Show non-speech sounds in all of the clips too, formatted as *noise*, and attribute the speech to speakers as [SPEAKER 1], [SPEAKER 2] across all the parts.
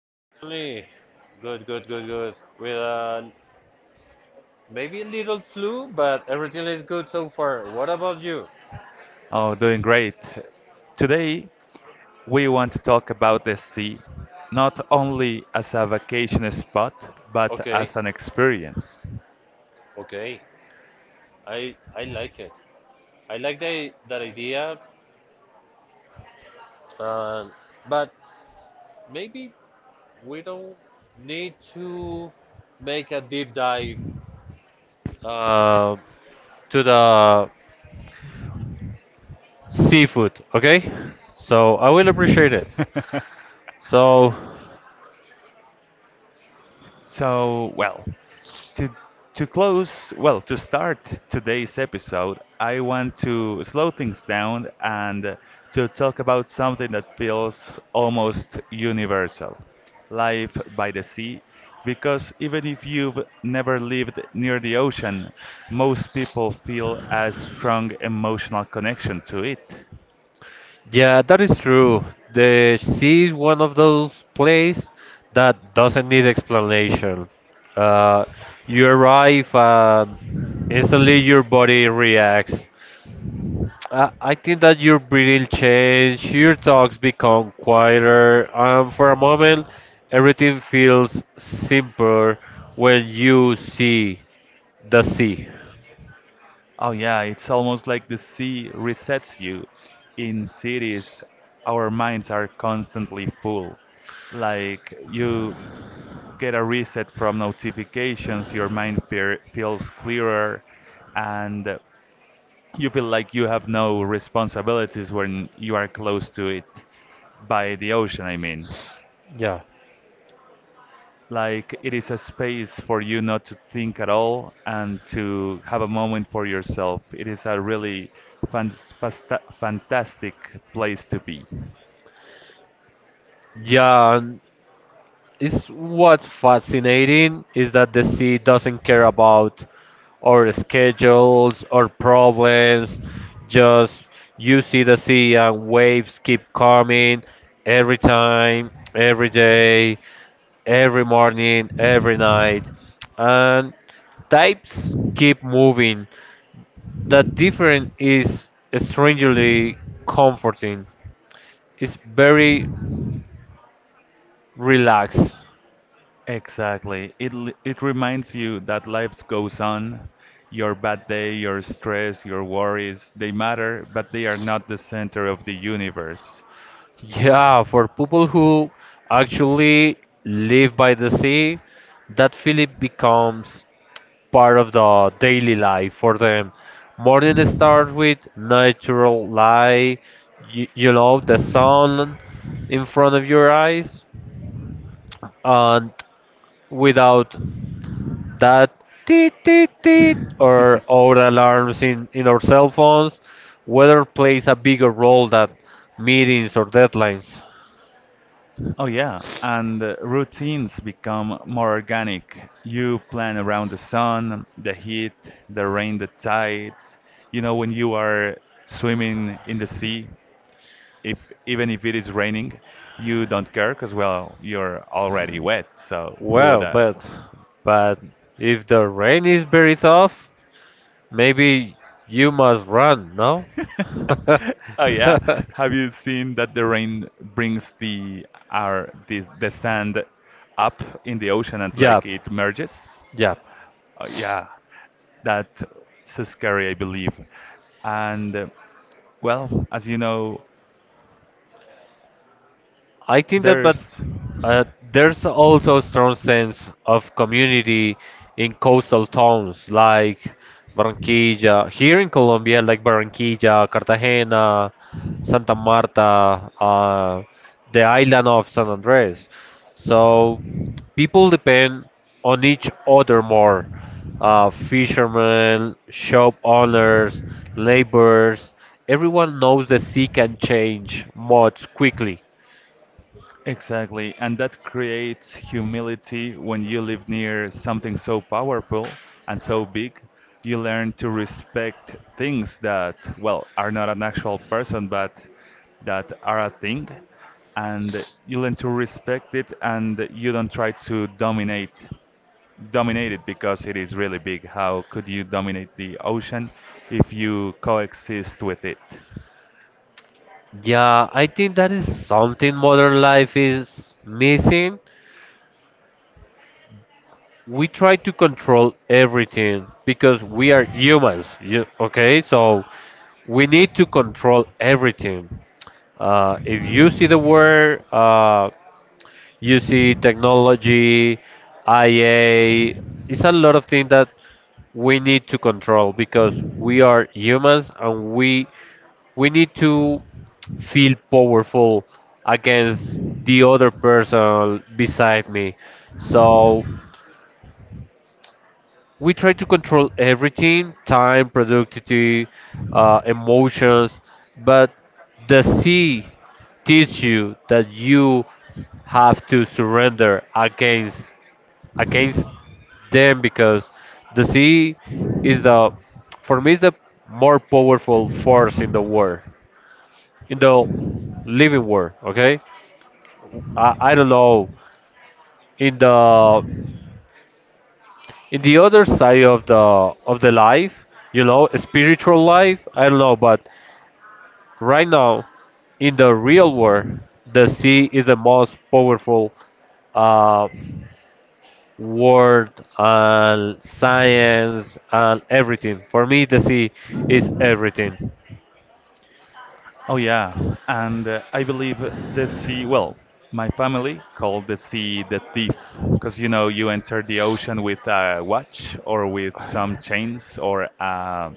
[SPEAKER 1] Hello, Tony. Good, good, good, good. With maybe a little flu, but everything is good so far. What about you?
[SPEAKER 2] Oh, doing great. Today, we want to talk about the sea, not only as a vacation spot, but
[SPEAKER 1] Okay,
[SPEAKER 2] as an experience.
[SPEAKER 1] okay. I like it. I like that idea. Um, but maybe we don't need to make a deep dive uh, to the seafood. Okay. So I will appreciate it.
[SPEAKER 2] *laughs*
[SPEAKER 1] So.
[SPEAKER 2] So, well, to to start today's episode, I want to slow things down and to talk about something that feels almost universal, life by the sea, because even if you've never lived near the ocean, most people feel a strong emotional connection to it.
[SPEAKER 1] Yeah, that is true. The sea is one of those places that doesn't need explanation. Uh, you arrive and instantly your body reacts. I think that your breathing changes, your thoughts become quieter, and for a moment, everything feels simpler when you see the sea.
[SPEAKER 2] Oh yeah, it's almost like the sea resets you. In cities, our minds are constantly full. Like you get a reset from notifications, your mind fear feels clearer, and you feel like you have no responsibilities when you are close to it by the ocean, I mean.
[SPEAKER 1] Yeah.
[SPEAKER 2] Like it is a space for you not to think at all and to have a moment for yourself. It is a really fan- fasta fantastic place to be.
[SPEAKER 1] Yeah, It's what's fascinating is that the sea doesn't care about our schedules or problems. Just you see the sea and waves keep coming every time, every day, every morning, every night. And types keep moving. The difference is strangely comforting. It's very relaxed.
[SPEAKER 2] Exactly. It reminds you that life goes on. Your bad day, your stress, your worries, they matter, but they are not the center of the universe.
[SPEAKER 1] Yeah, for people who actually live by the sea, that feeling becomes part of the daily life for them. Morning starts with natural light, the sun in front of your eyes, and without that teet teet teet or
[SPEAKER 2] *laughs*
[SPEAKER 1] our alarms in our cell phones, weather plays a bigger role than meetings or deadlines.
[SPEAKER 2] Oh, yeah, and routines become more organic. You plan around the sun, the heat, the rain, the tides. You know, when you are swimming in the sea, if even if it is raining, you don't care because, well, you're already wet, so who would
[SPEAKER 1] Well,
[SPEAKER 2] that?
[SPEAKER 1] but if the rain is very tough, maybe you must run, no?
[SPEAKER 2] *laughs* Oh yeah,
[SPEAKER 1] *laughs*
[SPEAKER 2] have you seen that the rain brings the sand up in the ocean and
[SPEAKER 1] Yeah,
[SPEAKER 2] like it merges?
[SPEAKER 1] yeah.
[SPEAKER 2] Yeah, that's so scary, I believe. And well, as you know,
[SPEAKER 1] I think that, but
[SPEAKER 2] there's
[SPEAKER 1] uh, there's also a strong sense of community in coastal towns like Barranquilla, here in Colombia, like Barranquilla, Cartagena, Santa Marta, the island of San Andres. So people depend on each other more. Fishermen, shop owners, laborers, everyone knows the sea can change much quickly.
[SPEAKER 2] exactly, and that creates humility when you live near something so powerful and so big. You learn to respect things that, well, are not an actual person, but that are a thing. And you learn to respect it, and you don't try to dominate it because it is really big. How could you dominate the ocean if you coexist with it?
[SPEAKER 1] Yeah, I think that is something modern life is missing. We try to control everything because we are humans. Okay, so we need to control everything. If you see the word UC technology, IA. It's a lot of things that we need to control because we are humans and we need to feel powerful against the other person beside me. So we try to control everything, time, productivity, emotions, but the sea teach you that you have to surrender against them because the sea is the, for me, is the more powerful force in the world, in the living world. Okay, I don't know, in the in the other side of the life, spiritual life. I don't know, but right now, in the real world, the sea is the most powerful, uh, world and science and everything. For me, the sea is everything.
[SPEAKER 2] Oh, yeah. And I believe the sea, well, my family called the sea the thief because you know, you enter the ocean with a watch or with some chains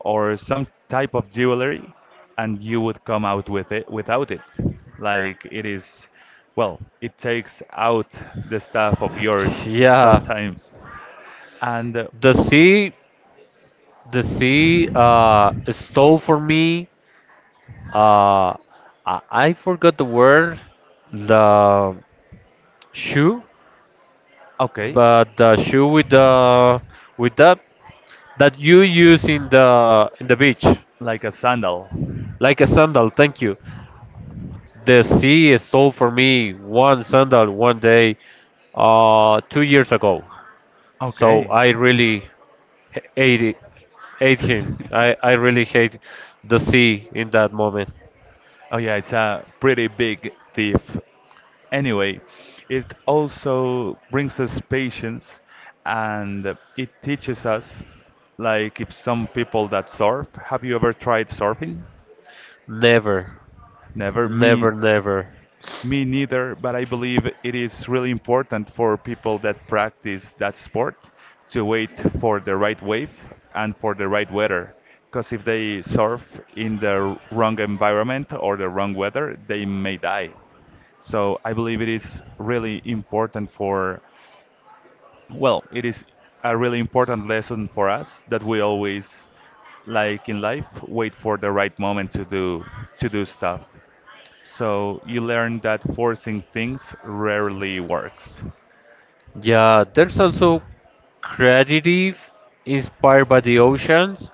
[SPEAKER 2] or some type of jewelry and you would come out with it without it. Like it is, well, it takes out the stuff of yours
[SPEAKER 1] Yeah,
[SPEAKER 2] sometimes. And
[SPEAKER 1] the
[SPEAKER 2] oh,
[SPEAKER 1] sea, the sea stole for me. Uh, I forgot the word, the shoe,
[SPEAKER 2] okay,
[SPEAKER 1] but the shoe with the with that you use in the beach,
[SPEAKER 2] like a sandal.
[SPEAKER 1] like a sandal. Thank you. The sea stole from me one sandal one day 2 years ago. So
[SPEAKER 2] Okay.
[SPEAKER 1] I really hate it, hate him.
[SPEAKER 2] *laughs*
[SPEAKER 1] I really hate the sea in that moment.
[SPEAKER 2] Oh yeah, it's a pretty big thief. Anyway, it also brings us patience and it teaches us like if some people that surf, have you ever tried surfing?
[SPEAKER 1] Never,
[SPEAKER 2] Never
[SPEAKER 1] never,
[SPEAKER 2] me.
[SPEAKER 1] never.
[SPEAKER 2] Me neither, but I believe it is really important for people that practice that sport to wait for the right wave and for the right weather. Because if they surf in the wrong environment or the wrong weather, they may die. So I believe it is really important for, well, it is a really important lesson for us that we always, like in life, wait for the right moment to do stuff. So you learn that forcing things rarely works.
[SPEAKER 1] Yeah, there's also creative inspired by the oceans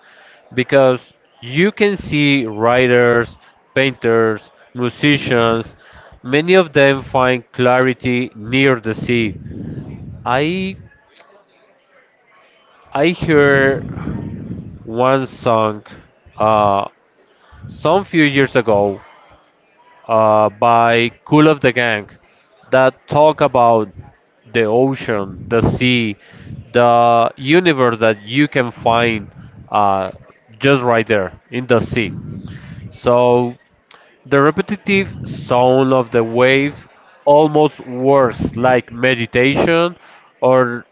[SPEAKER 1] because you can see writers, painters, musicians, many of them find clarity near the sea. I I heard one song uh, some few years ago by Cool of the Gang that talk about the ocean, the sea, the universe that you can find uh, just right there in the sea. So the repetitive sound of the wave almost works like meditation or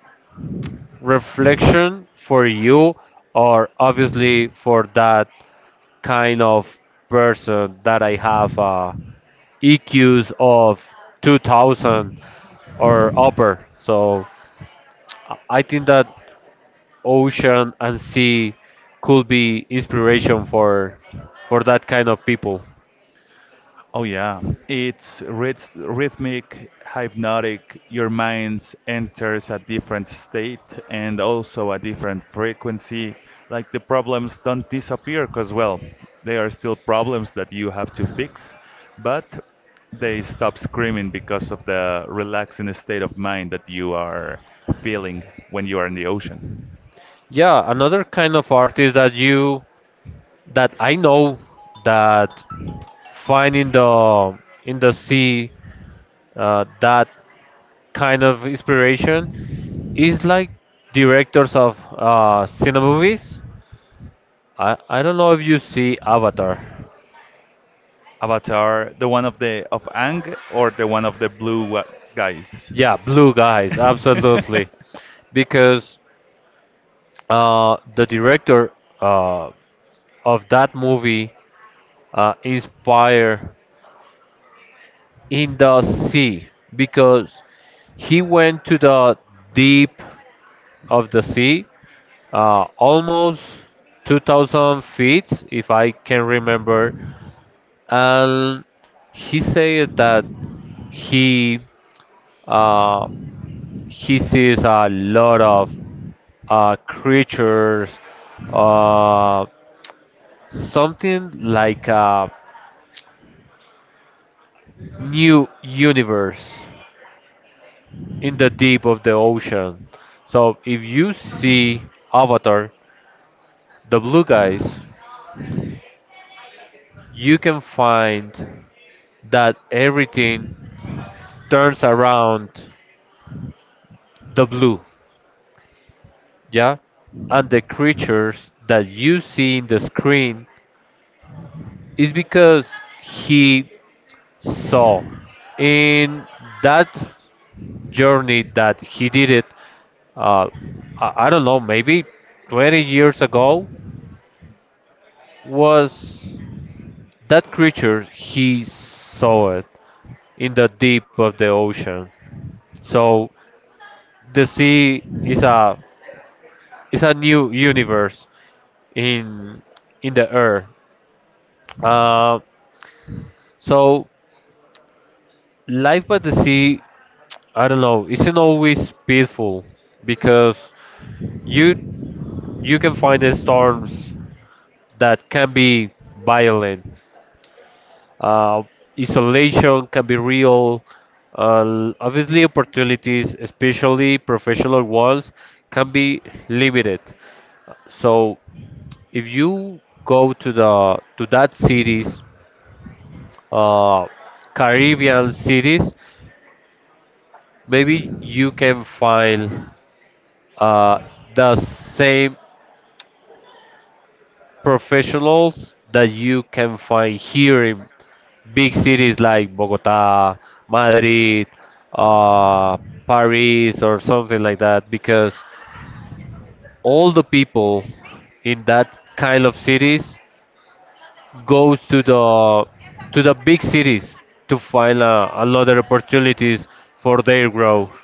[SPEAKER 1] reflection for you, or obviously for that kind of person that I have EQs of 2000 or upper. So I think that ocean and sea could be inspiration for that kind of people.
[SPEAKER 2] Oh yeah, it's rhythmic, hypnotic. Your mind enters a different state and also a different frequency. Like the problems don't disappear because well, they are still problems that you have to fix, but they stop screaming because of the relaxing state of mind that you are feeling when you are in the ocean.
[SPEAKER 1] Yeah, another kind of artist that I know that find in the sea, that kind of inspiration, is like directors of cinema movies. I don't know if you see Avatar.
[SPEAKER 2] Avatar, the one of the of Ang or the one of the blue guys?
[SPEAKER 1] Yeah, blue guys, absolutely.
[SPEAKER 2] *laughs*
[SPEAKER 1] Because the director uh, of that movie inspired in the sea because he went to the deep of the sea, almost 2,000 feet, if I can remember, and he said that he uh, he sees a lot of creatures, uh, something like a new universe in the deep of the ocean. So if you see Avatar, the blue guys, you can find that everything turns around the blue. Yeah, and the creatures that you see in the screen is because he saw in that journey that he did it, uh, I don't know, maybe 20 years ago, was that creature he saw it in the deep of the ocean. So the sea is a new universe in in the earth. Uh, so Life by the sea, I don't know, isn't always peaceful because you you can find the storms that can be violent. Uh, Isolation can be real. Obviously, opportunities, especially professional ones, can be limited. So if you go to that cities, uh, Caribbean cities, maybe you can find uh, the same professionals that you can find here in big cities like Bogota, Madrid, uh, Paris, or something like that, because all the people in that kind of cities goes to the big cities to find another opportunities for their growth.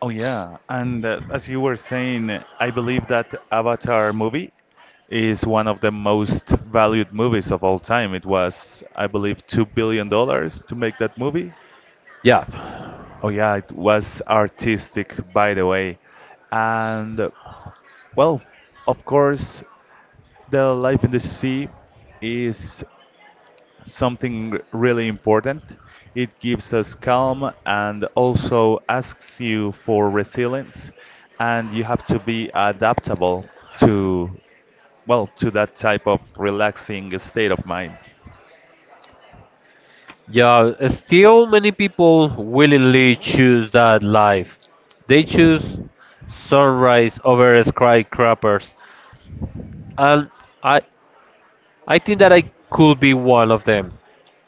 [SPEAKER 2] Oh yeah, and as you were saying, I believe that Avatar movie is one of the most valued movies of all time. It was, I believe, $2 billion to make that movie.
[SPEAKER 1] Yeah.
[SPEAKER 2] Oh yeah, it was artistic, by the way, and well, of course, the life in the sea is something really important. It gives us calm and also asks you for resilience, and you have to be adaptable to, well, to that type of relaxing state of mind.
[SPEAKER 1] Yeah, still many people willingly choose that life. They choose sunrise over skyscrapers, and I I think that I could be one of them.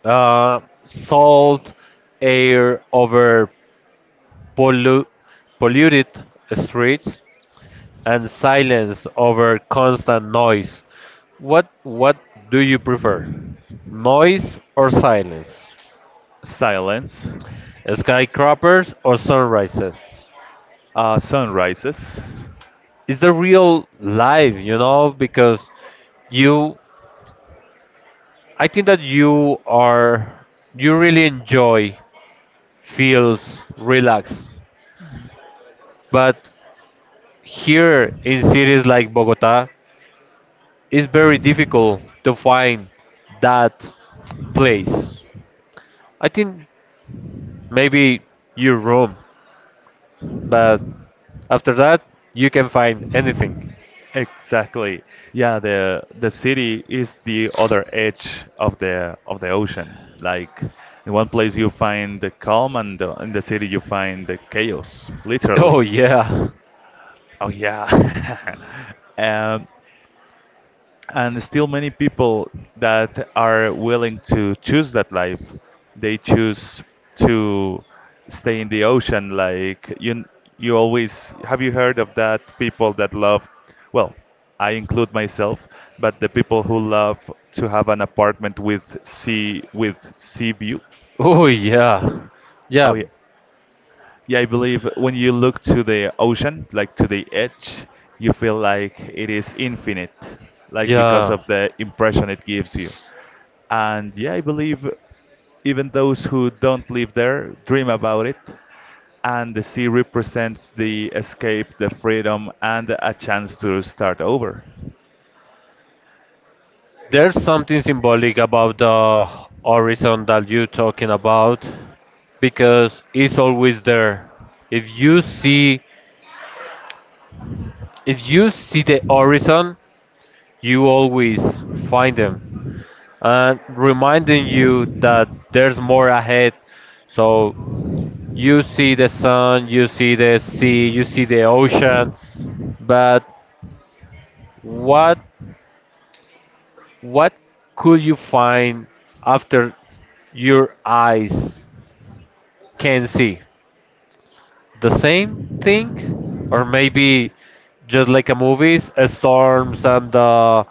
[SPEAKER 1] Salt air over pollu- polluted streets and silence over constant noise. What do you prefer? Noise or silence?
[SPEAKER 2] Silence,
[SPEAKER 1] Skyscrapers or sunrises?
[SPEAKER 2] sunrises.
[SPEAKER 1] It's the real life, you know, because you I think that you really enjoy, feels relaxed. But here in cities like Bogota, it's very difficult to find that place. I think maybe your room, but after that you can find anything. *laughs*
[SPEAKER 2] Exactly. Yeah, the city is the other edge of the ocean. Like in one place you find the calm and the, in the city you find the chaos,
[SPEAKER 1] Oh
[SPEAKER 2] literally.
[SPEAKER 1] yeah.
[SPEAKER 2] Oh yeah. *laughs* Um, and still many people that are willing to choose that life, they choose to stay in the ocean. Like you always have you heard of that people that love, well, I include myself, but the people who love to have an apartment with sea view.
[SPEAKER 1] Oh yeah.
[SPEAKER 2] Oh
[SPEAKER 1] Yeah.
[SPEAKER 2] yeah. Yeah, I believe when you look to the ocean, like to the edge, you feel like it is infinite, like because
[SPEAKER 1] Yeah.
[SPEAKER 2] of the impression it gives you. And yeah, I believe even those who don't live there dream about it. And the sea represents the escape, the freedom, and a chance to start over.
[SPEAKER 1] There's something symbolic about the horizon that you're talking about because it's always there. If you see if you see the horizon, you always find them, and reminding you that there's more ahead. So you see the sun, you see the sea, you see the ocean, but what what could you find after your eyes can see? The same thing, or maybe just like a movies, storms and uh,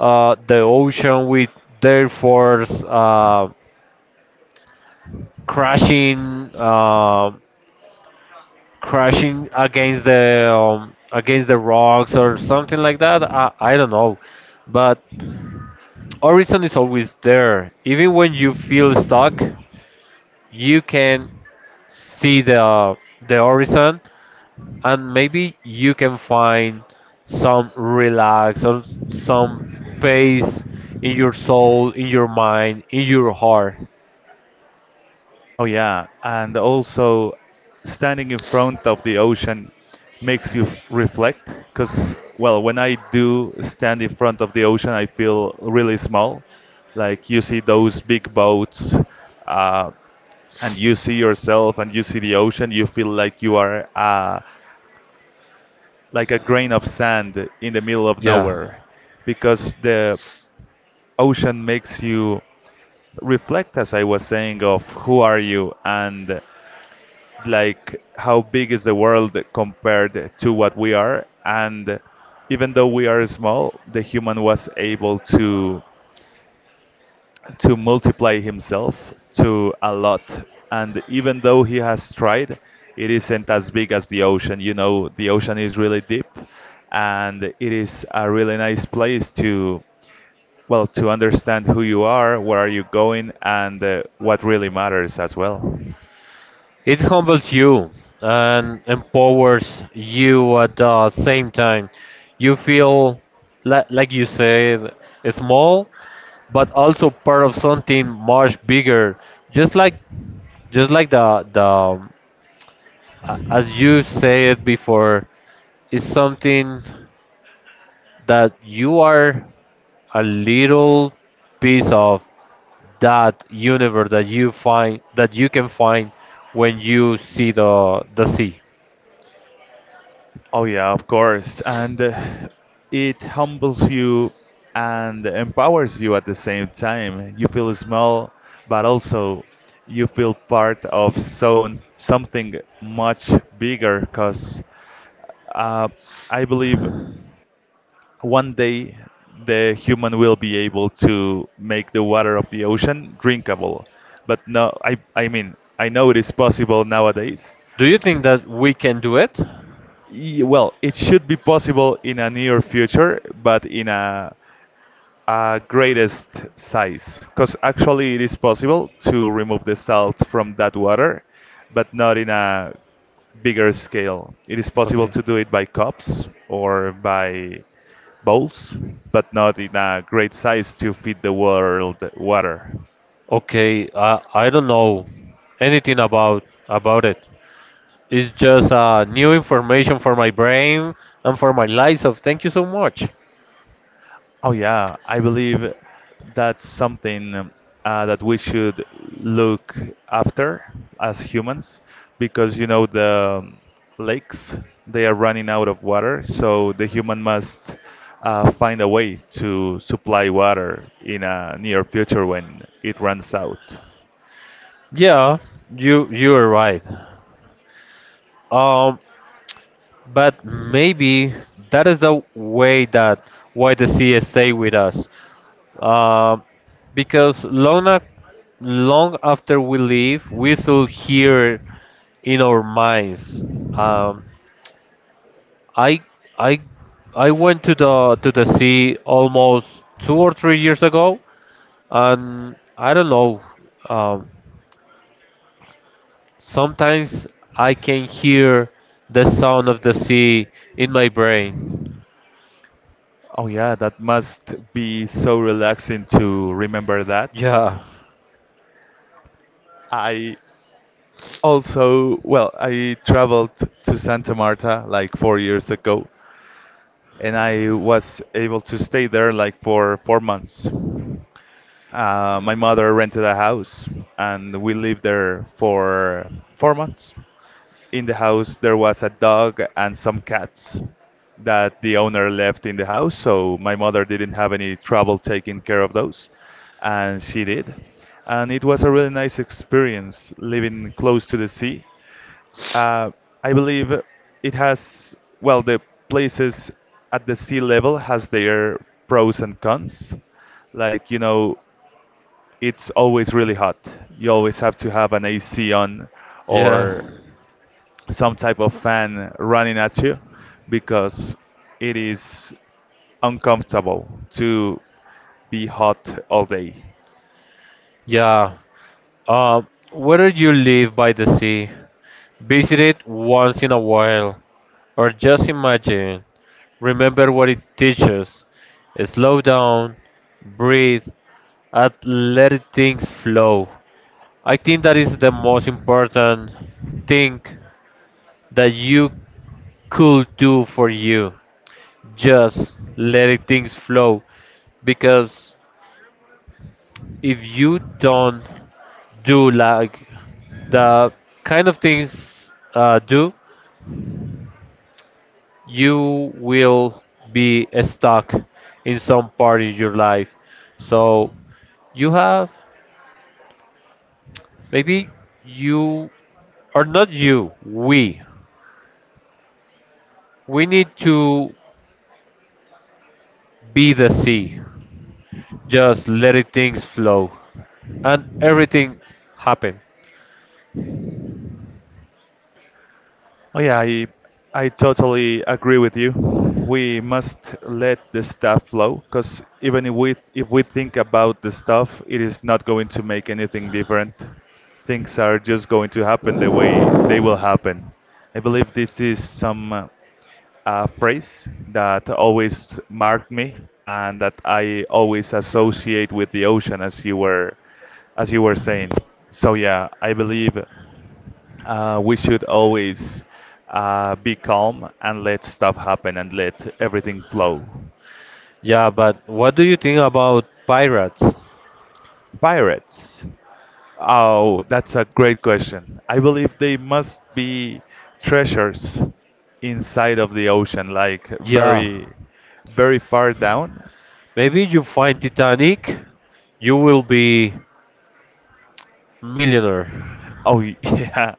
[SPEAKER 1] uh, the ocean with their force crashing, crashing against the rocks or something like that. I don't know, but horizon is always there. Even when you feel stuck, you can see the horizon and maybe you can find some relax or some peace in your soul, in your mind, in your heart.
[SPEAKER 2] Oh yeah, and also standing in front of the ocean makes you reflect because well, when I do stand in front of the ocean, I feel really small. Like you see those big boats, uh, and you see yourself and you see the ocean, you feel like you are like a grain of sand in the middle of
[SPEAKER 1] Yeah,
[SPEAKER 2] nowhere because the ocean makes you reflect, as I was saying, of who are you and like how big is the world compared to what we are, and even though we are small the human was able to multiply himself to a lot, and even though he has tried it isn't as big as the ocean. You know the ocean is really deep and it is a really nice place to, well, to understand who you are, where are you going, and what really matters as well.
[SPEAKER 1] it humbles you and empowers you at the same time. You feel, like you said, small, but also part of something much bigger. Just like, just like as you said before, it's something. That you are a little piece of that universe that you find that you can find when you see the sea.
[SPEAKER 2] Oh yeah, of course. And it humbles you and empowers you at the same time. You feel small, but also you feel part of so something much bigger. Because uh, I believe one day the human will be able to make the water of the ocean drinkable. But no, I mean I know it is possible nowadays.
[SPEAKER 1] Do you think that we can do it?
[SPEAKER 2] Well, it should be possible in a near future, but in a greatest size. Because actually, it is possible to remove the salt from that water, but not in a bigger scale. It is possible
[SPEAKER 1] Okay.
[SPEAKER 2] to do it by cups or by bowls, but not in a great size to feed the world water.
[SPEAKER 1] Okay, I don't know anything about it. It's just new information for my brain and for my life. So thank you so much.
[SPEAKER 2] Oh yeah, I believe that's something that we should look after as humans, because you know the lakes they are running out of water, so the human must find a way to supply water in a near future when it runs out.
[SPEAKER 1] Yeah, you are right. Um, But maybe that is the way that why the CS stay with us. Um because long long after we leave, we still hear in our minds. Um, I I I went to the sea almost 2 or 3 years ago, and I don't know. Um, Sometimes I can hear the sound of the sea in my brain.
[SPEAKER 2] Oh yeah, that must be so relaxing to remember that.
[SPEAKER 1] Yeah,
[SPEAKER 2] I also, well, I traveled to Santa Marta like 4 years ago, and I was able to stay there like for 4 months. My mother rented a house, and we lived there for 4 months. In the house, there was a dog and some cats that the owner left in the house, so my mother didn't have any trouble taking care of those, and she did. And it was a really nice experience living close to the sea. uh, I believe it has, well, the places at the sea level has their pros and cons. Like, you know, it's always really hot. You always have to have an AC on
[SPEAKER 1] yeah.
[SPEAKER 2] or some type of fan running at you because it is uncomfortable to be hot all day.
[SPEAKER 1] Yeah. Uh, Whether you live by the sea, visit it once in a while, or just imagine, remember what it teaches. Slow down, breathe, and let things flow. I think that is the most important thing that you could do for you. Just let things flow, because if you don't do like the kind of things do, you will be stuck in some part of your life. So you have, maybe you are not you. We need to be the sea. Just letting things flow and everything happen.
[SPEAKER 2] Oh yeah, I totally agree with you. We must let the stuff flow because even if we think about the stuff, it is not going to make anything different. Things are just going to happen the way they will happen. I believe this is some a phrase that always marked me and that I always associate with the ocean, as you were saying. So yeah, I believe we should always be calm and let stuff happen and let everything flow.
[SPEAKER 1] Yeah, but what do you think about pirates?
[SPEAKER 2] Pirates. Oh, that's a great question. I believe they must be treasures inside of the ocean, like
[SPEAKER 1] Yeah,
[SPEAKER 2] very far down.
[SPEAKER 1] maybe you find Titanic, you will be millionaire.
[SPEAKER 2] Oh, *laughs* yeah,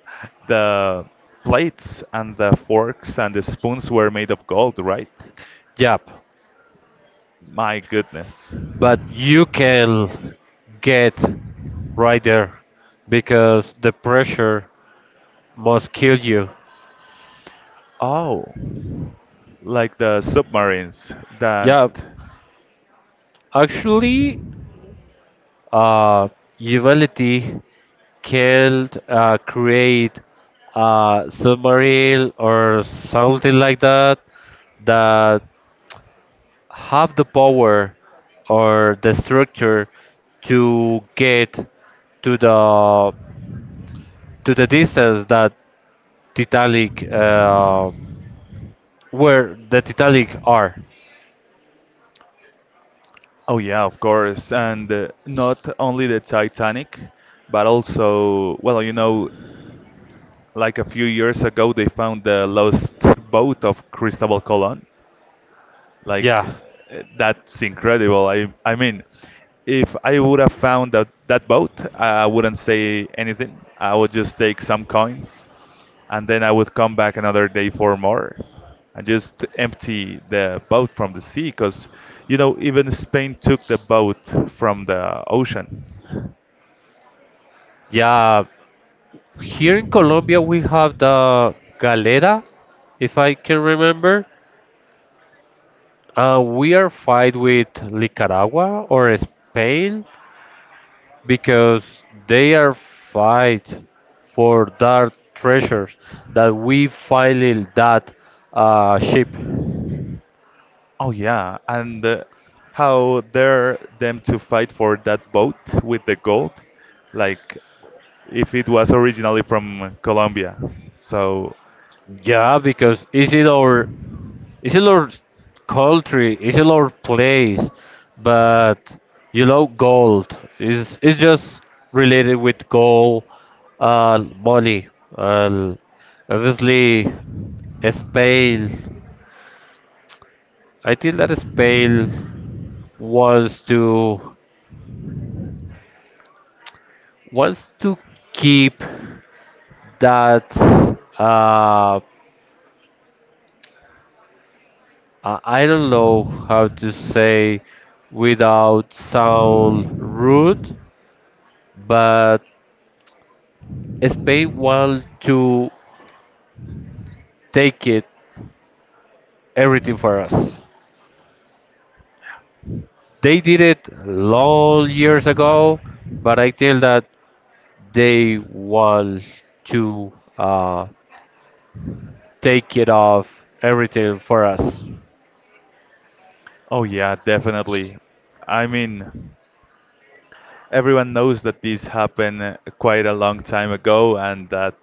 [SPEAKER 2] the plates and the forks and the spoons were made of gold, right?
[SPEAKER 1] Yep.
[SPEAKER 2] My goodness.
[SPEAKER 1] But you can get right there because the pressure must kill you.
[SPEAKER 2] Oh, like the submarines that.
[SPEAKER 1] Yeah, actually, uh, humanity can create a submarine or something like that that have the power or the structure to get to the to the distance that Titanic where the Titanic are.
[SPEAKER 2] Oh, yeah, of course. And not only the Titanic, but also, well, you know, like a few years ago, they found the lost boat of Cristobal Colon. Like
[SPEAKER 1] Yeah,
[SPEAKER 2] that's incredible. I mean, if I would have found that boat, I wouldn't say anything. I would just take some coins, and then I would come back another day for more, and just empty the boat from the sea. Because you know, even Spain took the boat from the ocean.
[SPEAKER 1] yeah. Here in Colombia we have the Galera, if I can remember. We are fight with Nicaragua or Spain because they are fight for that treasures that we finally, that ship.
[SPEAKER 2] Oh yeah, and how dare them to fight for that boat with the gold, like if it was originally from Colombia. So,
[SPEAKER 1] Yeah, because it's in our country, it's in our place, but, gold is it's just related with gold, money, and obviously, Spain. I think that Spain wants to. Was to keep that, uh, I don't know how to say without sound rude, but Spain want to take it everything for us. They did it long years ago, but I feel that they want to take it off everything for us.
[SPEAKER 2] oh yeah, definitely. I mean, everyone knows that this happened quite a long time ago and that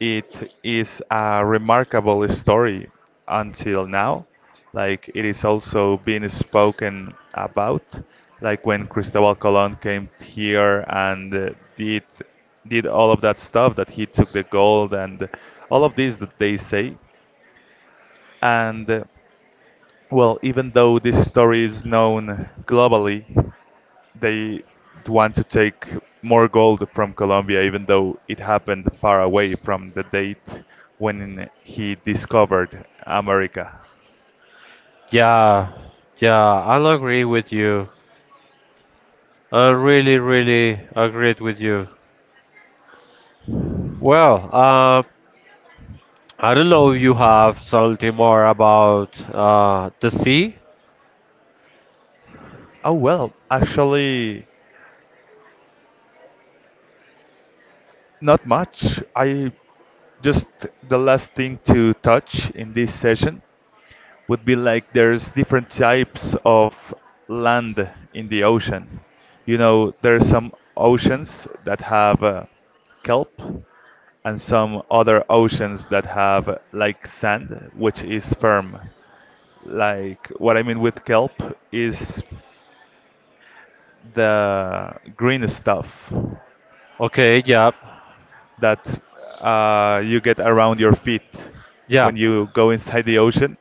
[SPEAKER 2] it is a remarkable story until now. Like it is also being spoken about, like when Cristobal Colon came here and did did all of that stuff that he took the gold and all of this that they say, and well, even though this story is known globally, they want to take more gold from Colombia, even though it happened far away from the date when he discovered America.
[SPEAKER 1] Yeah, yeah, I'll agree with you. I really, really agreed with you. Well, I don't know if you have something more about the sea.
[SPEAKER 2] Oh, well, actually, not much. I just the last thing to touch in this session would be like there's different types of land in the ocean. You know, there are some oceans that have kelp and some other oceans that have like sand, which is firm. Like what I mean with kelp is the green stuff
[SPEAKER 1] Okay, yeah,
[SPEAKER 2] that you get around your feet
[SPEAKER 1] yeah,
[SPEAKER 2] when you go inside the ocean,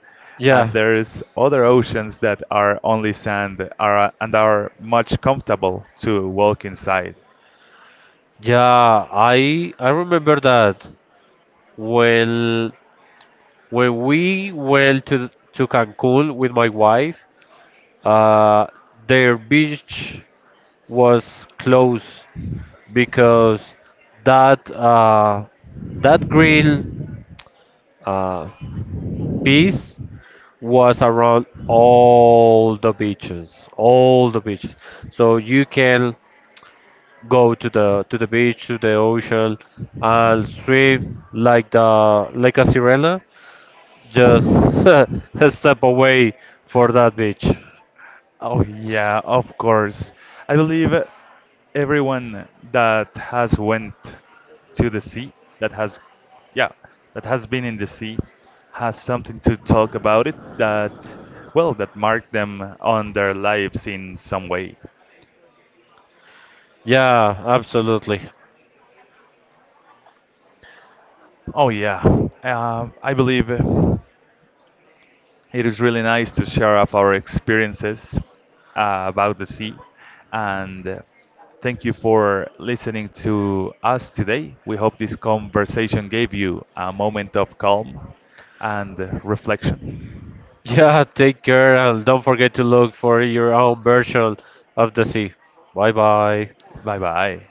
[SPEAKER 2] and
[SPEAKER 1] yeah,
[SPEAKER 2] there's other oceans that are only sand are and are much comfortable to walk inside.
[SPEAKER 1] yeah. I remember that when we went to Cancun with my wife, uh, their beach was closed because that, grill uh, piece was around all the beaches, all the beaches. So you can go to the beach, to the ocean, and swim like the like a sirena. Just *laughs* a step away for that beach.
[SPEAKER 2] Oh yeah, of course. I believe everyone that has went to the sea that has, yeah, that has been in the sea has something to talk about it, that, well, that marked them on their lives in some way.
[SPEAKER 1] Yeah, absolutely. *laughs*
[SPEAKER 2] Oh yeah, I believe it is really nice to share of our experiences about the sea, and thank you for listening to us today. We hope this conversation gave you a moment of calm and reflection.
[SPEAKER 1] Yeah, take care and don't forget to look for your own version of the sea. Bye bye.
[SPEAKER 2] Bye bye.